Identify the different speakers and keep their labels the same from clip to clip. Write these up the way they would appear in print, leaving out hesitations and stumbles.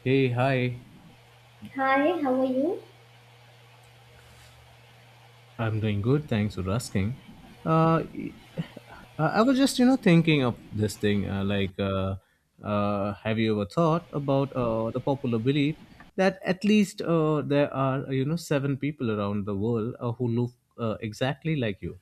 Speaker 1: Hey, hi.
Speaker 2: Hi, how are you?
Speaker 1: I'm doing good. Thanks for asking. Uh, y- I was just, thinking of this thing. Have you ever thought about the popular belief that at least there are, seven people around the world who look exactly like you?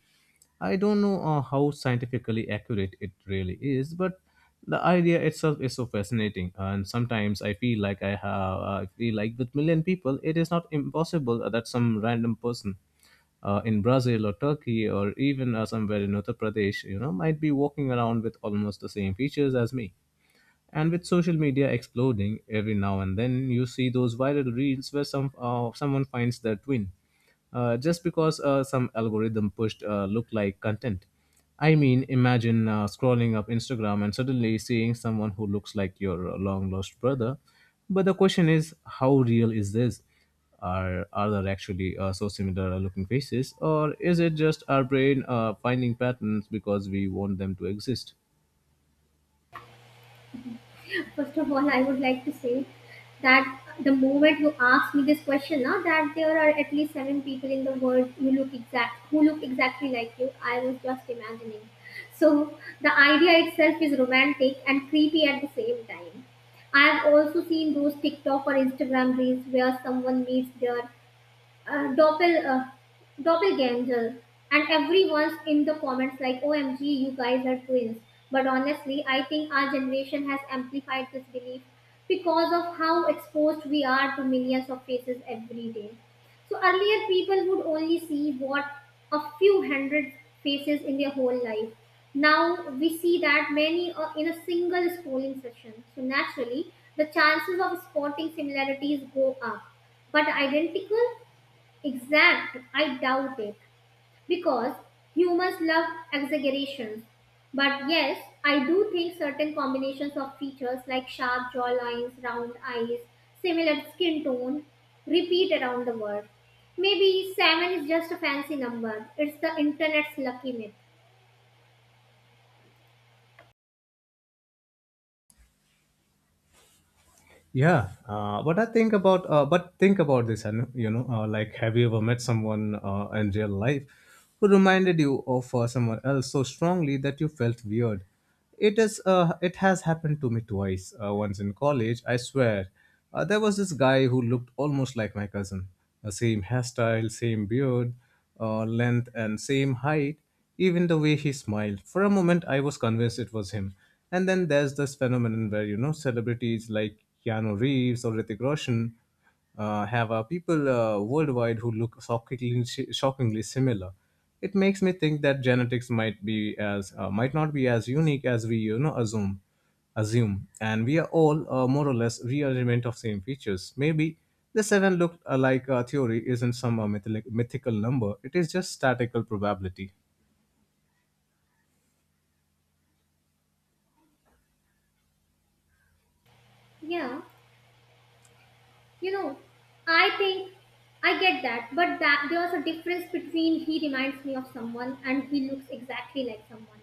Speaker 1: I don't know how scientifically accurate it really is, but the idea itself is so fascinating. And sometimes I feel like I feel like with million people, it is not impossible that some random person in Brazil or Turkey or even somewhere in Uttar Pradesh, you know, might be walking around with almost the same features as me. And with social media exploding every now and then, you see those viral reels where someone finds their twin, just because some algorithm pushed look-like content. I mean, imagine scrolling up Instagram and suddenly seeing someone who looks like your long-lost brother. But the question is, how real is this? Are there actually so similar looking faces, or is it just our brain finding patterns because we want them to exist?
Speaker 2: First of all, I would like to say that the moment you ask me this question, now that there are at least seven people in the world who look exactly like you, I was just imagining. So the idea itself is romantic and creepy at the same time. I have also seen those TikTok or Instagram reels where someone meets their uh, doppel, uh, doppelganger, and everyone's in the comments like, OMG, you guys are twins. But honestly, I think our generation has amplified this belief because of how exposed we are to millions of faces every day. So earlier, people would only see what a few hundred faces in their whole life. Now we see that many are in a single scrolling session, so naturally the chances of spotting similarities go up. But identical, exact, I doubt it. Because humans love exaggerations. But yes, I do think certain combinations of features like sharp jawlines, round eyes, similar skin tone repeat around the world. Maybe 7 is just a fancy number. It's the internet's lucky myth.
Speaker 1: Yeah, but think about this, and have you ever met someone in real life who reminded you of someone else so strongly that you felt weird? It is. It has happened to me twice. Once in college, I swear, there was this guy who looked almost like my cousin. The same hairstyle, same beard, length and same height, even the way he smiled. For a moment, I was convinced it was him. And then there's this phenomenon where, you know, celebrities like Keanu Reeves or Hrithik Roshan have people worldwide who look shockingly similar. It makes me think that genetics might not be as unique as we, you know, assume assume, and we are all more or less rearrangement of same features. Maybe the seven looked alike theory isn't some mythical number; it is just statical probability.
Speaker 2: Yeah. You know, I think I get that, but that there's a difference between he reminds me of someone and he looks exactly like someone.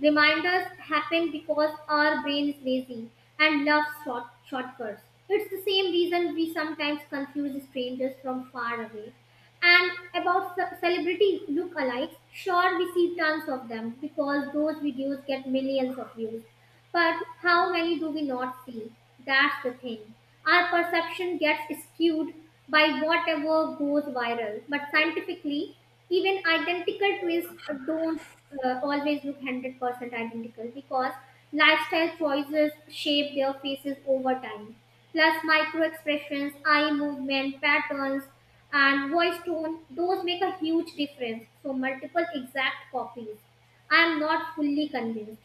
Speaker 2: Reminders happen because our brain is lazy and loves shortcuts. It's the same reason we sometimes confuse strangers from far away. And about celebrity lookalikes, sure, we see tons of them because those videos get millions of views. But how many do we not see? That's the thing. Our perception gets skewed by whatever goes viral. But scientifically, even identical twins don't always look 100% identical because lifestyle choices shape their faces over time. Plus, micro expressions, eye movement, patterns, and voice tone, those make a huge difference. So, multiple exact copies, I am not fully convinced.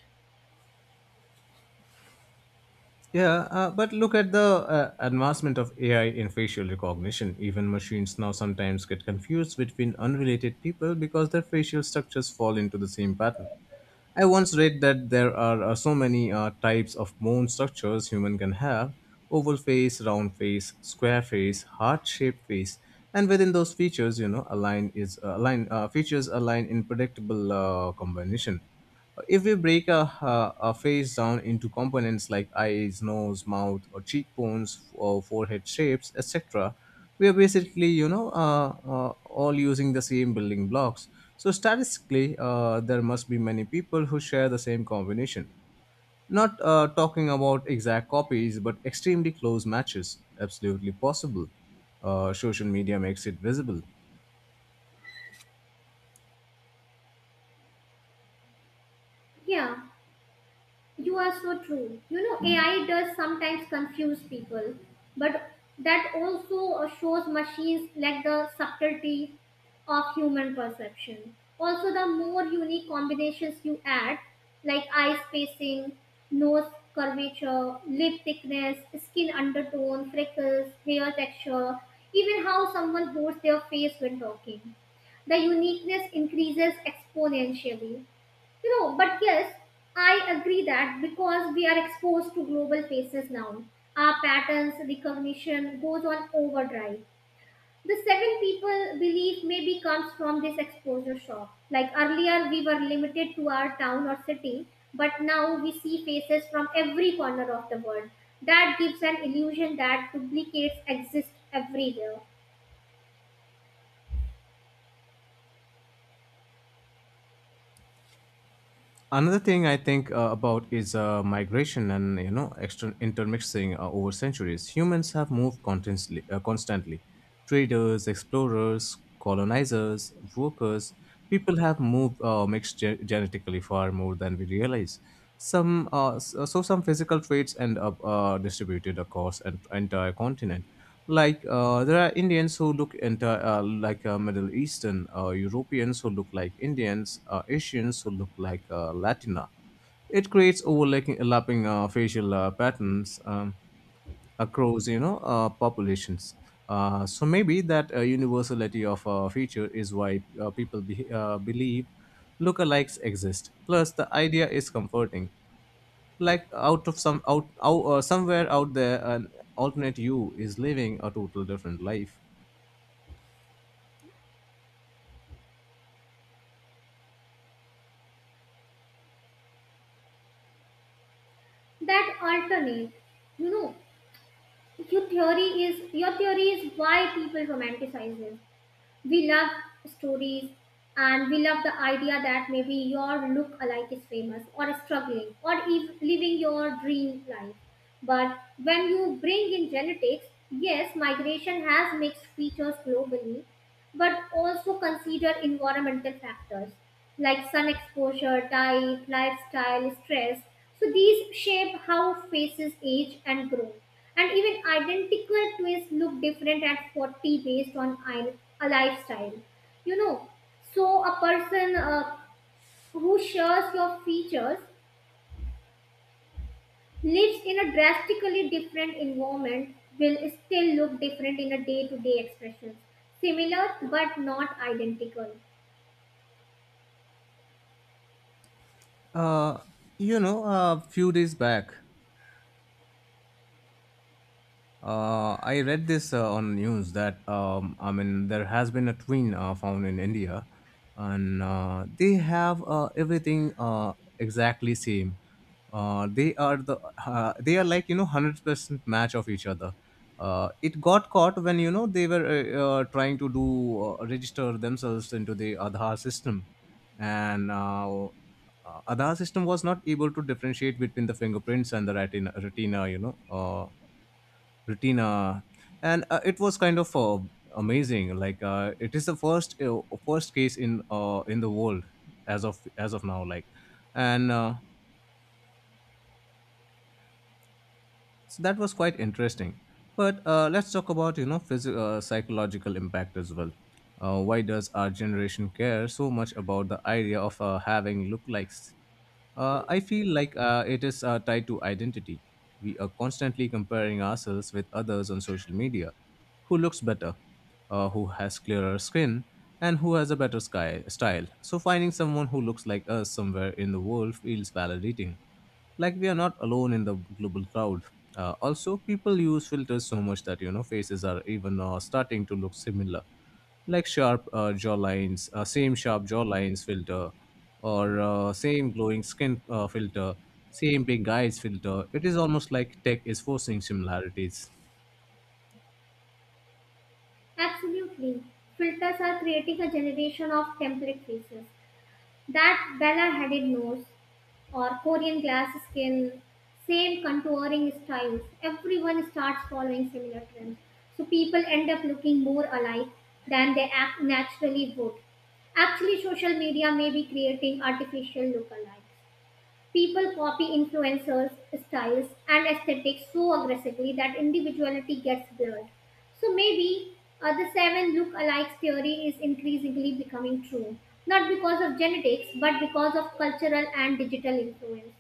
Speaker 1: Yeah, but look at the advancement of AI in facial recognition. Even machines now sometimes get confused between unrelated people because their facial structures fall into the same pattern. I once read that there are so many types of bone structures human can have oval face, round face, square face, heart-shaped face, and within those features, you know, align is align features align in predictable combination. If we break a face down into components like eyes, nose, mouth, or cheekbones, or forehead shapes, etc., we are basically, all using the same building blocks. So statistically, there must be many people who share the same combination. Not talking about exact copies, but extremely close matches, absolutely possible. Social media makes it visible.
Speaker 2: Yeah. You are so true. You know, AI does sometimes confuse people, but that also shows machines like the subtlety of human perception. Also, the more unique combinations you add, like eye spacing, nose curvature, lip thickness, skin undertone, freckles, hair texture, even how someone holds their face when talking, the uniqueness increases exponentially. You know, but yes, I agree that because we are exposed to global faces now, our patterns recognition goes on overdrive. The seven people belief maybe comes from this exposure shock. Like earlier, we were limited to our town or city, but now we see faces from every corner of the world. That gives an illusion that duplicates exist everywhere.
Speaker 1: Another thing I think about is migration and, you know, extra intermixing. Over centuries humans have moved constantly. Traders, explorers, colonizers, workers, people have moved, mixed genetically far more than we realize. So some physical traits end up distributed across an entire continent. Like there are Indians who look into like Middle Eastern, Europeans who look like Indians, Asians who look like Latina. It creates overlapping, facial patterns across, populations. So maybe that universality of a feature is why believe lookalikes exist. Plus, the idea is comforting, like out of somewhere out there an alternate you is living a total different life.
Speaker 2: That alternate, you know, your theory is why people romanticize it. We love stories, and we love the idea that maybe your look alike is famous or struggling or living your dream life. But when you bring in genetics, yes, migration has mixed features globally, but also consider environmental factors like sun exposure, diet, lifestyle, stress. So these shape how faces age and grow. And even identical twins look different at 40 based on a lifestyle. You know, so a person who shares your features lives in a drastically different environment will still look different in a day to day expressions. Similar but not identical.
Speaker 1: uh you know, a few days back, I read this on news that, I mean, there has been a twin found in India, and they have everything exactly same. Uh, they are the they are, like, you know, 100% match of each other. It got caught when, you know, they were trying to do register themselves into the Aadhaar system, and Aadhaar system was not able to differentiate between the fingerprints and the retina, you know. Retina, and it was kind of amazing. Like, it is the first case in the world as of now. Like, and so that was quite interesting. But let's talk about, you know, psychological impact as well. Why does our generation care so much about the idea of having lookalikes? I feel like it is tied to identity. We are constantly comparing ourselves with others on social media. Who looks better? Who has clearer skin? And who has a better style? So finding someone who looks like us somewhere in the world feels validating, like we are not alone in the global crowd. Also people use filters so much that, you know, faces are even starting to look similar, like sharp jawlines, same sharp jawlines filter, or same glowing skin filter, same big eyes filter. It is almost like tech is forcing similarities.
Speaker 2: Absolutely. Filters are creating a generation of template faces. That Bella headed nose or Korean glass skin, same contouring styles. Everyone starts following similar trends. So people end up looking more alike than they act naturally would. Actually, social media may be creating artificial lookalikes. People copy influencers' styles and aesthetics so aggressively that individuality gets blurred. So maybe the seven look-alikes theory is increasingly becoming true, not because of genetics, but because of cultural and digital influence.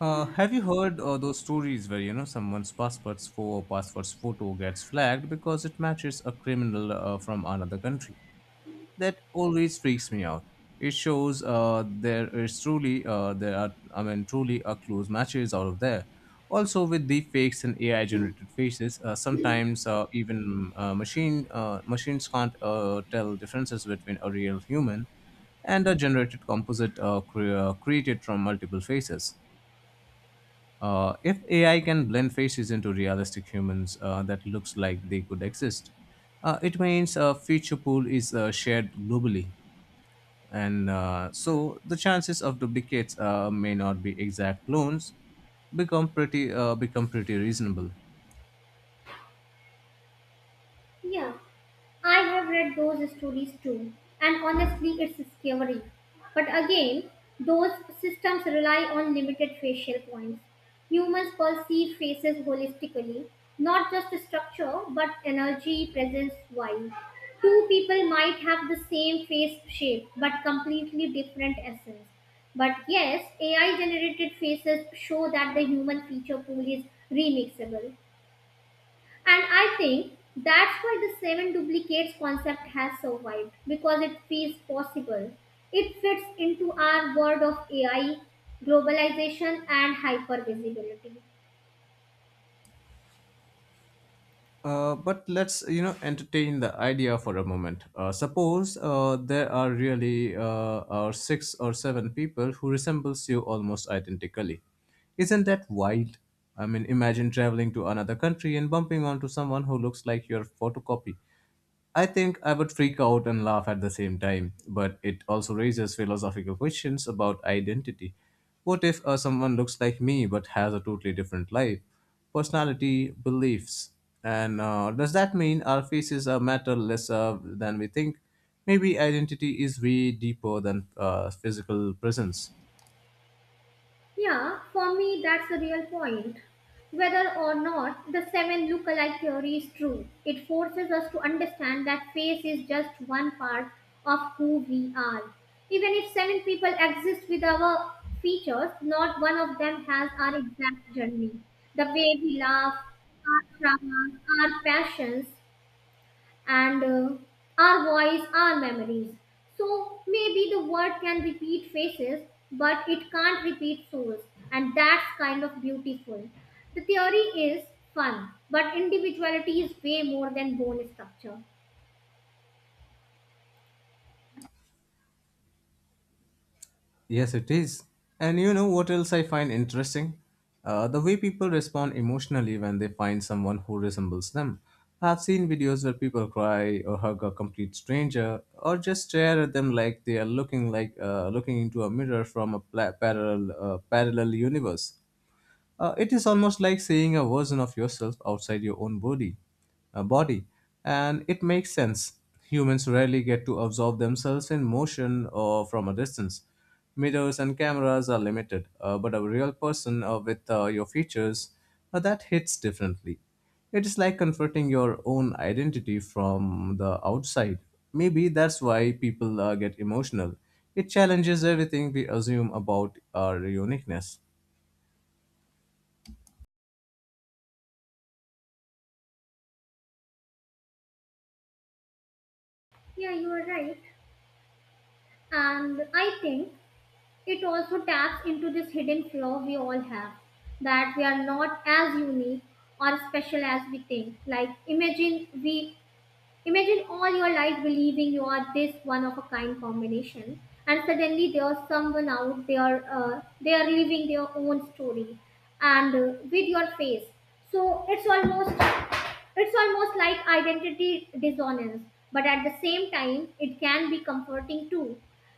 Speaker 1: Have you heard those stories where, you know, someone's passport's for passport's photo gets flagged because it matches a criminal from another country? That always freaks me out. It shows there are, I mean, truly a close matches out of there. Also with the fakes and AI generated faces, sometimes even machine machines can't tell differences between a real human and a generated composite created from multiple faces. If AI can blend faces into realistic humans that looks like they could exist, it means a feature pool is shared globally, and so the chances of duplicates may not be exact clones. Become pretty reasonable.
Speaker 2: Yeah. I have read those stories too, and honestly, it's scary. But again, those systems rely on limited facial points. Humans perceive faces holistically, not just structure, but energy, presence, vibe. Two people might have the same face shape, but completely different essence. But yes, AI generated faces show that the human feature pool is remixable. And I think that's why the seven duplicates concept has survived, because it feels possible. It fits into our world of AI, globalization, and hypervisibility.
Speaker 1: But let's, you know, entertain the idea for a moment. Uh, suppose there are really six or seven people who resembles you almost identically. Isn't that wild? I mean, imagine traveling to another country and bumping onto someone who looks like your photocopy. I think I would freak out and laugh at the same time, but it also raises philosophical questions about identity. What if someone looks like me but has a totally different life, personality, beliefs? And does that mean our faces are matter less than we think? Maybe identity is way deeper than physical presence.
Speaker 2: Yeah, for me, that's the real point. Whether or not the seven look-alike theory is true, it forces us to understand that face is just one part of who we are. Even if seven people exist with our features, not one of them has our exact journey. The way we laugh, our traumas, our passions, and our voice, our memories. So maybe the word can repeat faces, but it can't repeat souls, and that's kind of beautiful. The theory is fun, but individuality is way more than bone structure.
Speaker 1: Yes, it is. And you know what else I find interesting? The way people respond emotionally when they find someone who resembles them. I've seen videos where people cry or hug a complete stranger, or just stare at them like they are looking into a mirror from a parallel universe. It is almost like seeing a version of yourself outside your own body, uh, body, and it makes sense. Humans rarely get to observe themselves in motion or from a distance. Mirrors and cameras are limited, but a real person with your features, that hits differently. It is like confronting your own identity from the outside. Maybe that's why people get emotional. It challenges everything we assume about our uniqueness.
Speaker 2: Yeah, you are right. And I think it also taps into this hidden flaw we all have, that we are not as unique or special as we think. Like, imagine all your life believing you are this one of a kind combination, and suddenly there's someone out there, they are living their own story and with your face. So it's almost like identity dissonance, but at the same time, it can be comforting too.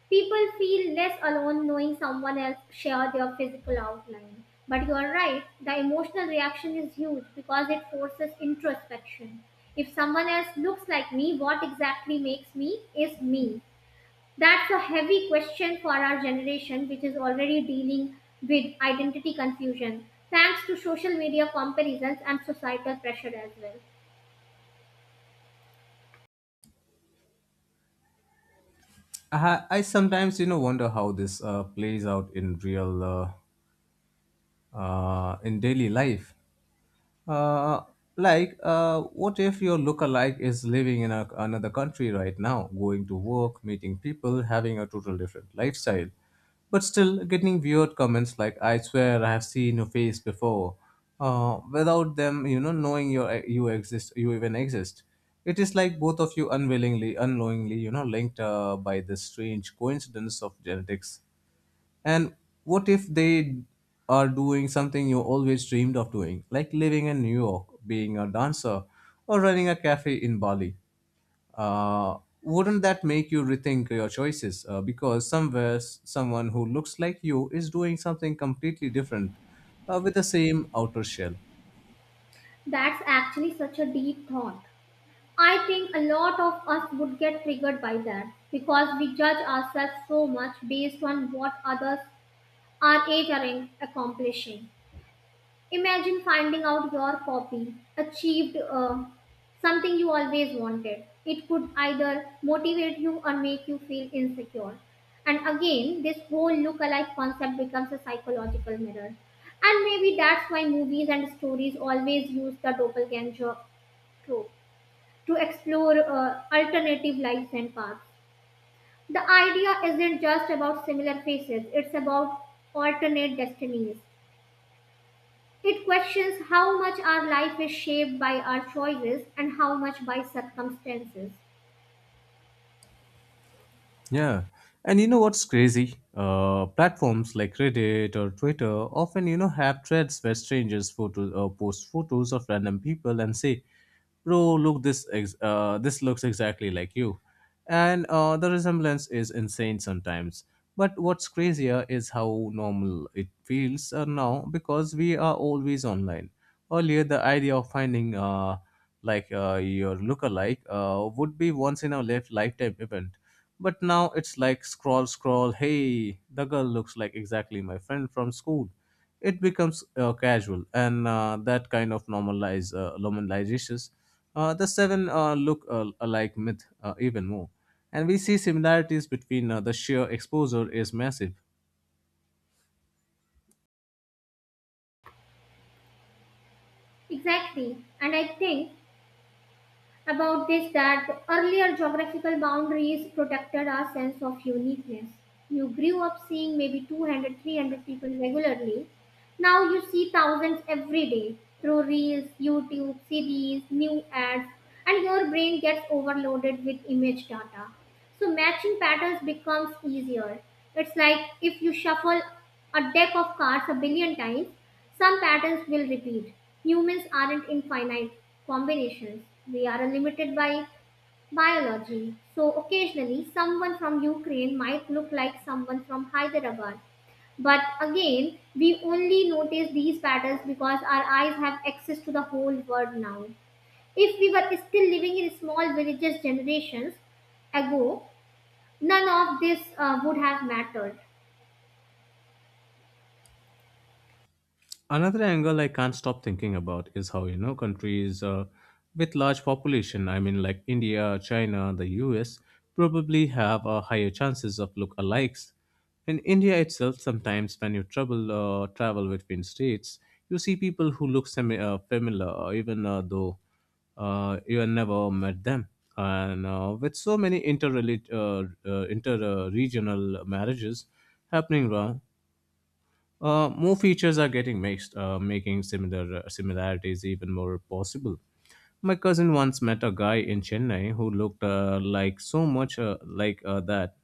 Speaker 2: People feel less alone knowing someone else share their physical outline. But you are right, the emotional reaction is huge because it forces introspection. If someone else looks like me, what exactly makes me is me. That's a heavy question for our generation, which is already dealing with identity confusion, thanks to social media comparisons and societal pressure as well.
Speaker 1: I sometimes, you know, wonder how this plays out in real in daily life. uh, what if your lookalike is living in another country right now, going to work, meeting people, having a total different lifestyle, but still getting weird comments like, "I swear I have seen your face before," without them, you know, you exist, you even exist. It is like both of you unwillingly, unknowingly, you know, linked by this strange coincidence of genetics. And what if they are doing something you always dreamed of doing, like living in New York, being a dancer, or running a cafe in Bali? Wouldn't that make you rethink your choices? Because somewhere someone who looks like you is doing something completely different with the same outer shell.
Speaker 2: That's actually such a deep thought. I think a lot of us would get triggered by that because we judge ourselves so much based on what others our age are accomplishing. Imagine finding out your copy achieved something you always wanted. It could either motivate you or make you feel insecure. And again, this whole look-alike concept becomes a psychological mirror. And maybe that's why movies and stories always use the doppelganger trope to explore alternative lives and paths. The idea isn't just about similar faces, it's about alternate destinies. It questions how much our life is shaped by our choices and how much by circumstances.
Speaker 1: Yeah. And you know what's crazy? Platforms like Reddit or Twitter often, you know, have threads where strangers photos post photos of random people and say, "Bro, look this looks exactly like you," and the resemblance is insane sometimes. But what's crazier is how normal it feels now because we are always online. Earlier, the idea of finding your lookalike would be once in a lifetime event, but now it's like scroll, scroll, hey, the girl looks like exactly my friend from school. It becomes casual, and that kind of normalizes the seven look alike myth even more. And we see similarities between the sheer exposure is massive.
Speaker 2: Exactly, and I think about this that the earlier geographical boundaries protected our sense of uniqueness. You grew up seeing maybe 200, 300 people regularly. Now you see thousands every day through reels, YouTube, series, new ads, and your brain gets overloaded with image data. So matching patterns becomes easier. It's like if you shuffle a deck of cards a billion times, some patterns will repeat. Humans aren't infinite combinations, we are limited by biology. So, occasionally, someone from Ukraine might look like someone from Hyderabad. But again, we only notice these patterns because our eyes have access to the whole world now. If we were still living in small villages generations ago, none of this would have mattered.
Speaker 1: Another angle I can't stop thinking about is how, you know, countries with large population, I mean, like India, China, the US, probably have a higher chances of look alikes in India itself, sometimes when you travel travel between states, you see people who look semi familiar, even though you have never met them. And with so many inter inter regional marriages happening more features are getting mixed, making similarities even more possible. My cousin once met a guy in Chennai who looked like so much uh, like uh, that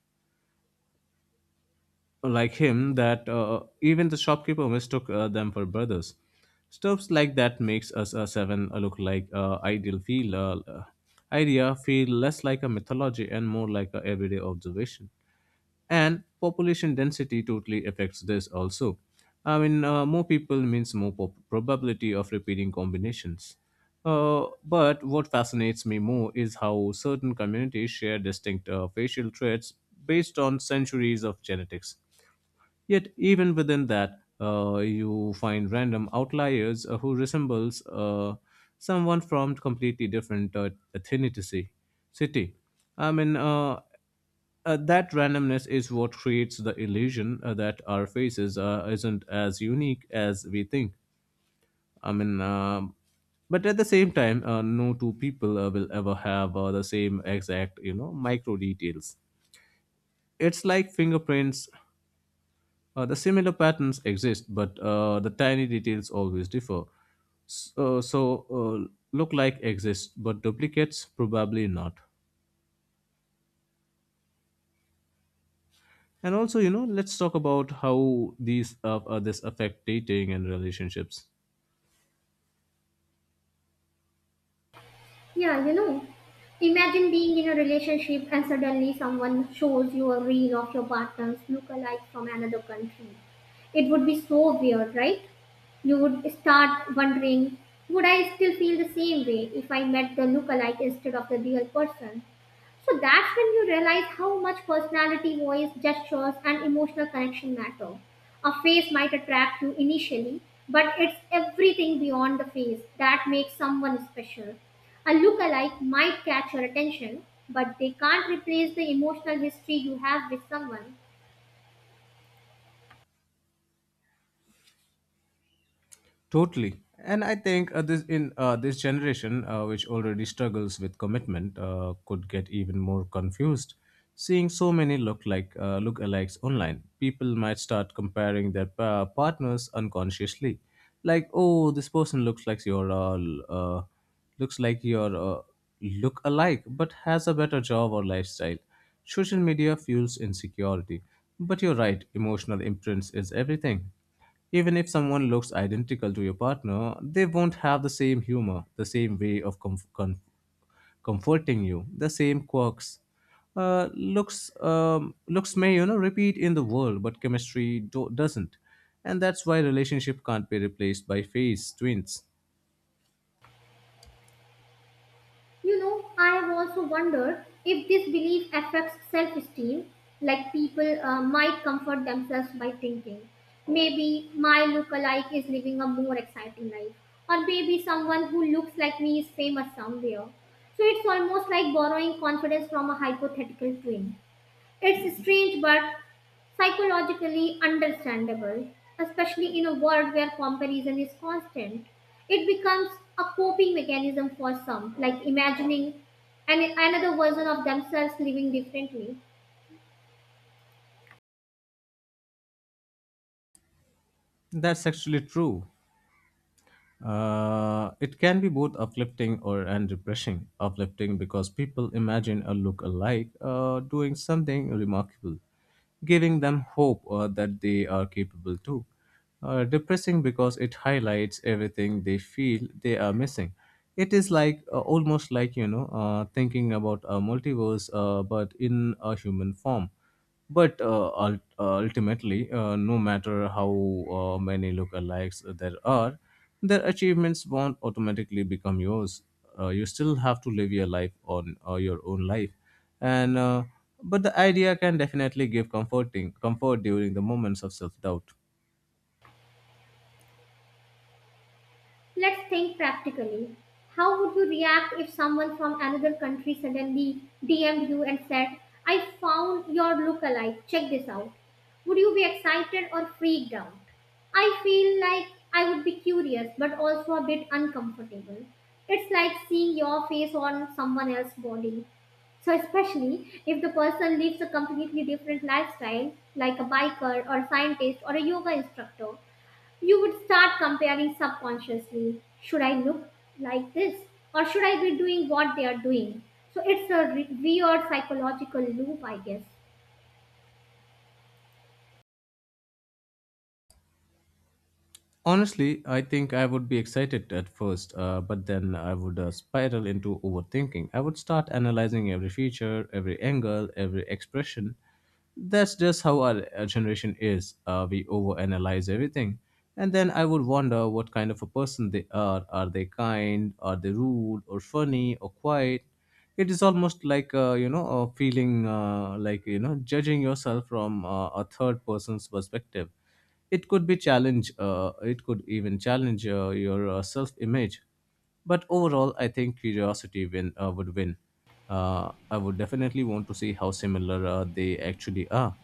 Speaker 1: like him that even the shopkeeper mistook them for brothers. Stuffs like that makes us a seven look like ideal feel idea feel less like a mythology and more like a everyday observation. And population density totally affects this also. I mean, more people means more probability of repeating combinations. But what fascinates me more is how certain communities share distinct facial traits based on centuries of genetics. Yet even within that, you find random outliers who resembles someone from completely different city. I mean, uh, that randomness is what creates the illusion that our faces isn't as unique as we think. I mean, um, but at the same time, no two people will ever have the same exact, you know, micro details. It's like fingerprints, the similar patterns exist, but the tiny details always differ. So, look like exists, but duplicates probably not. And also, you know, let's talk about how these this affect dating and relationships.
Speaker 2: Yeah, you know, imagine being in a relationship and suddenly someone shows you a reel of your partner's lookalike from another country. It would be so weird, right? You would start wondering, would I still feel the same way if I met the lookalike instead of the real person? So that's when you realize how much personality, voice, gestures, and emotional connection matter. A face might attract you initially, but it's everything beyond the face that makes someone special. A lookalike might catch your attention, but they can't replace the emotional history you have with someone.
Speaker 1: Totally. And I think this generation, which already struggles with commitment, could get even more confused. Seeing so many lookalikes online, people might start comparing their partners unconsciously. Like, oh, this person looks like your look alike, but has a better job or lifestyle. Social media fuels insecurity. But you're right, emotional imprints is everything. Even if someone looks identical to your partner, they won't have the same humor, the same way of comforting you, the same quirks. Looks may, you know, repeat in the world, but chemistry doesn't, and that's why relationship can't be replaced by face twins.
Speaker 2: You know, I also wonder if this belief affects self esteem, like people might comfort themselves by thinking, maybe my lookalike is living a more exciting life, or maybe someone who looks like me is famous somewhere. So it's almost like borrowing confidence from a hypothetical twin. It's strange but psychologically understandable, especially in a world where comparison is constant. It becomes a coping mechanism for some, like imagining another version of themselves living differently.
Speaker 1: That's actually true. It can be both uplifting or and depressing. Uplifting because people imagine a lookalike doing something remarkable, giving them hope that they are capable too. Depressing because it highlights everything they feel they are missing. It is like, almost like, you know, thinking about a multiverse, but in a human form. Ultimately, no matter how many lookalikes there are, their achievements won't automatically become yours. You still have to live your life on your own life, and but the idea can definitely give comfort during the moments of self doubt.
Speaker 2: Let's think practically. How would you react if someone from another country suddenly DM'd you and said, I found your lookalike, check this out? Would you be excited or freaked out? I feel like I would be curious but also a bit uncomfortable. It's like seeing your face on someone else's body. So, especially if the person lives a completely different lifestyle, like a biker or scientist or a yoga instructor, you would start comparing subconsciously. Should I look like this? Or should I be doing what they are doing? So it's a weird psychological loop, I guess.
Speaker 1: Honestly, I think I would be excited at first, but then I would spiral into overthinking. I would start analyzing every feature, every angle, every expression. That's just how our generation is. We overanalyze everything. And then I would wonder what kind of a person they are. Are they kind? Are they rude or funny or quiet? It is almost like, you know, a feeling like, you know, judging yourself from a third person's perspective. It could be challenge. Uh, it could even challenge your self-image. But overall, I think curiosity win would win. I would definitely want to see how similar they actually are.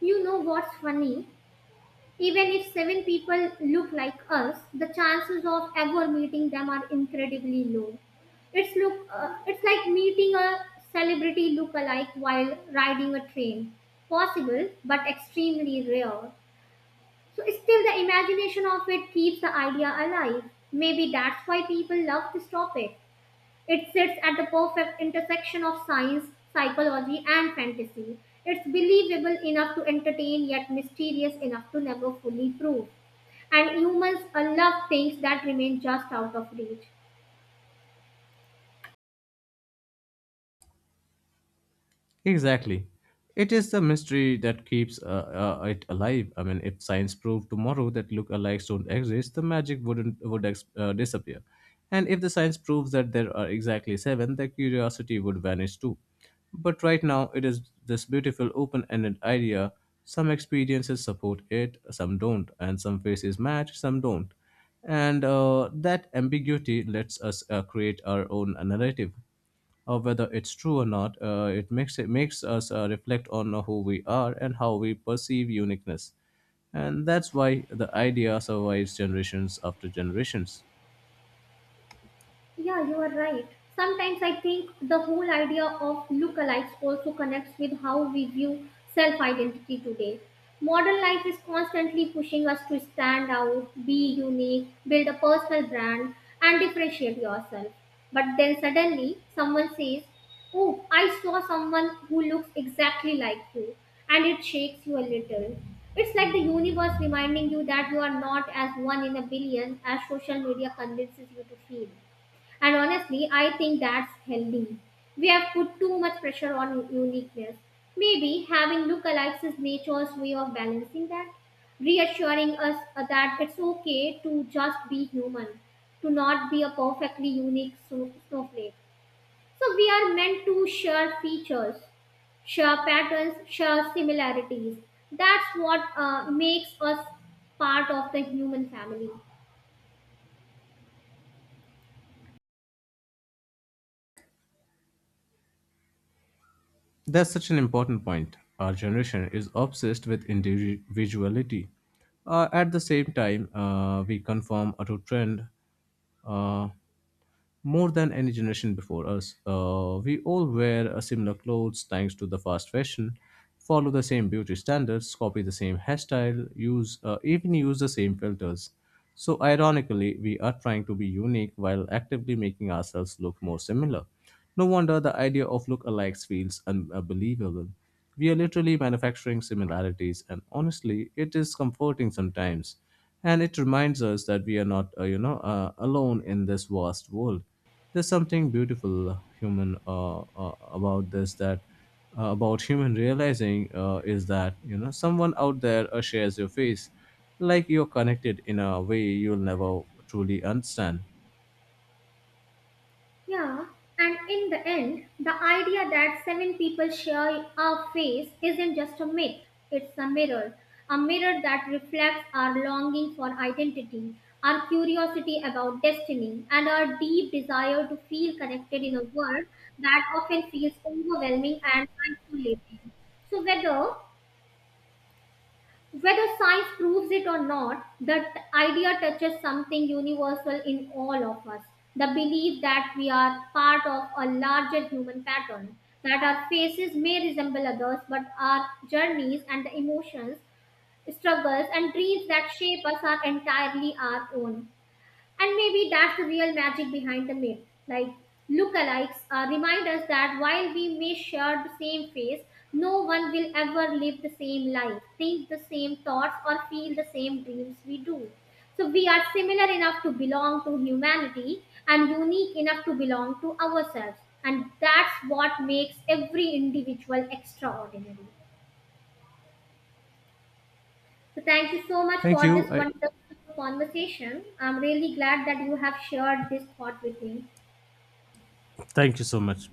Speaker 2: You know what's funny? Even if seven people look like us, the chances of ever meeting them are incredibly low. It's like meeting a celebrity look-alike while riding a train. Possible, but extremely rare. So still, the imagination of it keeps the idea alive. Maybe that's why people love this topic. It sits at the perfect intersection of science, psychology and fantasy. It's believable enough to entertain yet mysterious enough to never fully prove. And humans love things that remain just out of reach.
Speaker 1: Exactly. It is the mystery that keeps it alive. I mean, if science proved tomorrow that lookalikes don't exist, the magic would disappear. And if the science proves that there are exactly seven, the curiosity would vanish too. But right now, it is this beautiful open-ended idea. Some experiences support it, some don't, and some faces match, some don't. And that ambiguity lets us create our own narrative, whether it's true or not. It makes us reflect on who we are and how we perceive uniqueness, and that's why the idea survives generations after generations.
Speaker 2: Yeah, you are right. Sometimes I think the whole idea of lookalikes also connects with how we view self identity today. Modern life is constantly pushing us to stand out, be unique, build a personal brand, and differentiate yourself. But then suddenly someone says, oh, I saw someone who looks exactly like you, and it shakes you a little. It's like the universe reminding you that you are not as one in a billion as social media convinces you to feel. And honestly, I think that's healthy. We have put too much pressure on uniqueness. Maybe having lookalikes is nature's way of balancing that, reassuring us that it's okay to just be human, to not be a perfectly unique snowflake. So we are meant to share features, share patterns, share similarities. That's what makes us part of the human family.
Speaker 1: That's such an important point. Our generation is obsessed with individuality. At the same time, we conform to trend. Uh, more than any generation before us. We all wear similar clothes thanks to the fast fashion, follow the same beauty standards, copy the same hairstyle, use the same filters. So ironically, we are trying to be unique while actively making ourselves look more similar. No wonder the idea of lookalikes feels unbelievable. We are literally manufacturing similarities, and honestly, it is comforting sometimes, and it reminds us that we are not, you know, alone in this vast world. There's something beautiful, human about this that about human realizing, is that, you know, someone out there shares your face, like you're connected in a way you'll never truly understand.
Speaker 2: Yeah, and in the end, the idea that seven people share our face isn't just a myth, it's a mirror. A mirror that reflects our longing for identity, our curiosity about destiny, and our deep desire to feel connected in a world that often feels overwhelming and isolating. So, whether science proves it or not, that idea touches something universal in all of us, the belief that we are part of a larger human pattern, that our faces may resemble others, but our journeys and the emotions, struggles, and dreams that shape us are entirely our own. And maybe that's the real magic behind the myth. Like, lookalikes remind us that while we may share the same face, no one will ever live the same life, think the same thoughts, or feel the same dreams we do. So, we are similar enough to belong to humanity and unique enough to belong to ourselves. And that's what makes every individual extraordinary. So, thank you so much
Speaker 1: Thank
Speaker 2: for
Speaker 1: you.
Speaker 2: this wonderful conversation. I'm really glad that you have shared this thought with me.
Speaker 1: Thank you so much.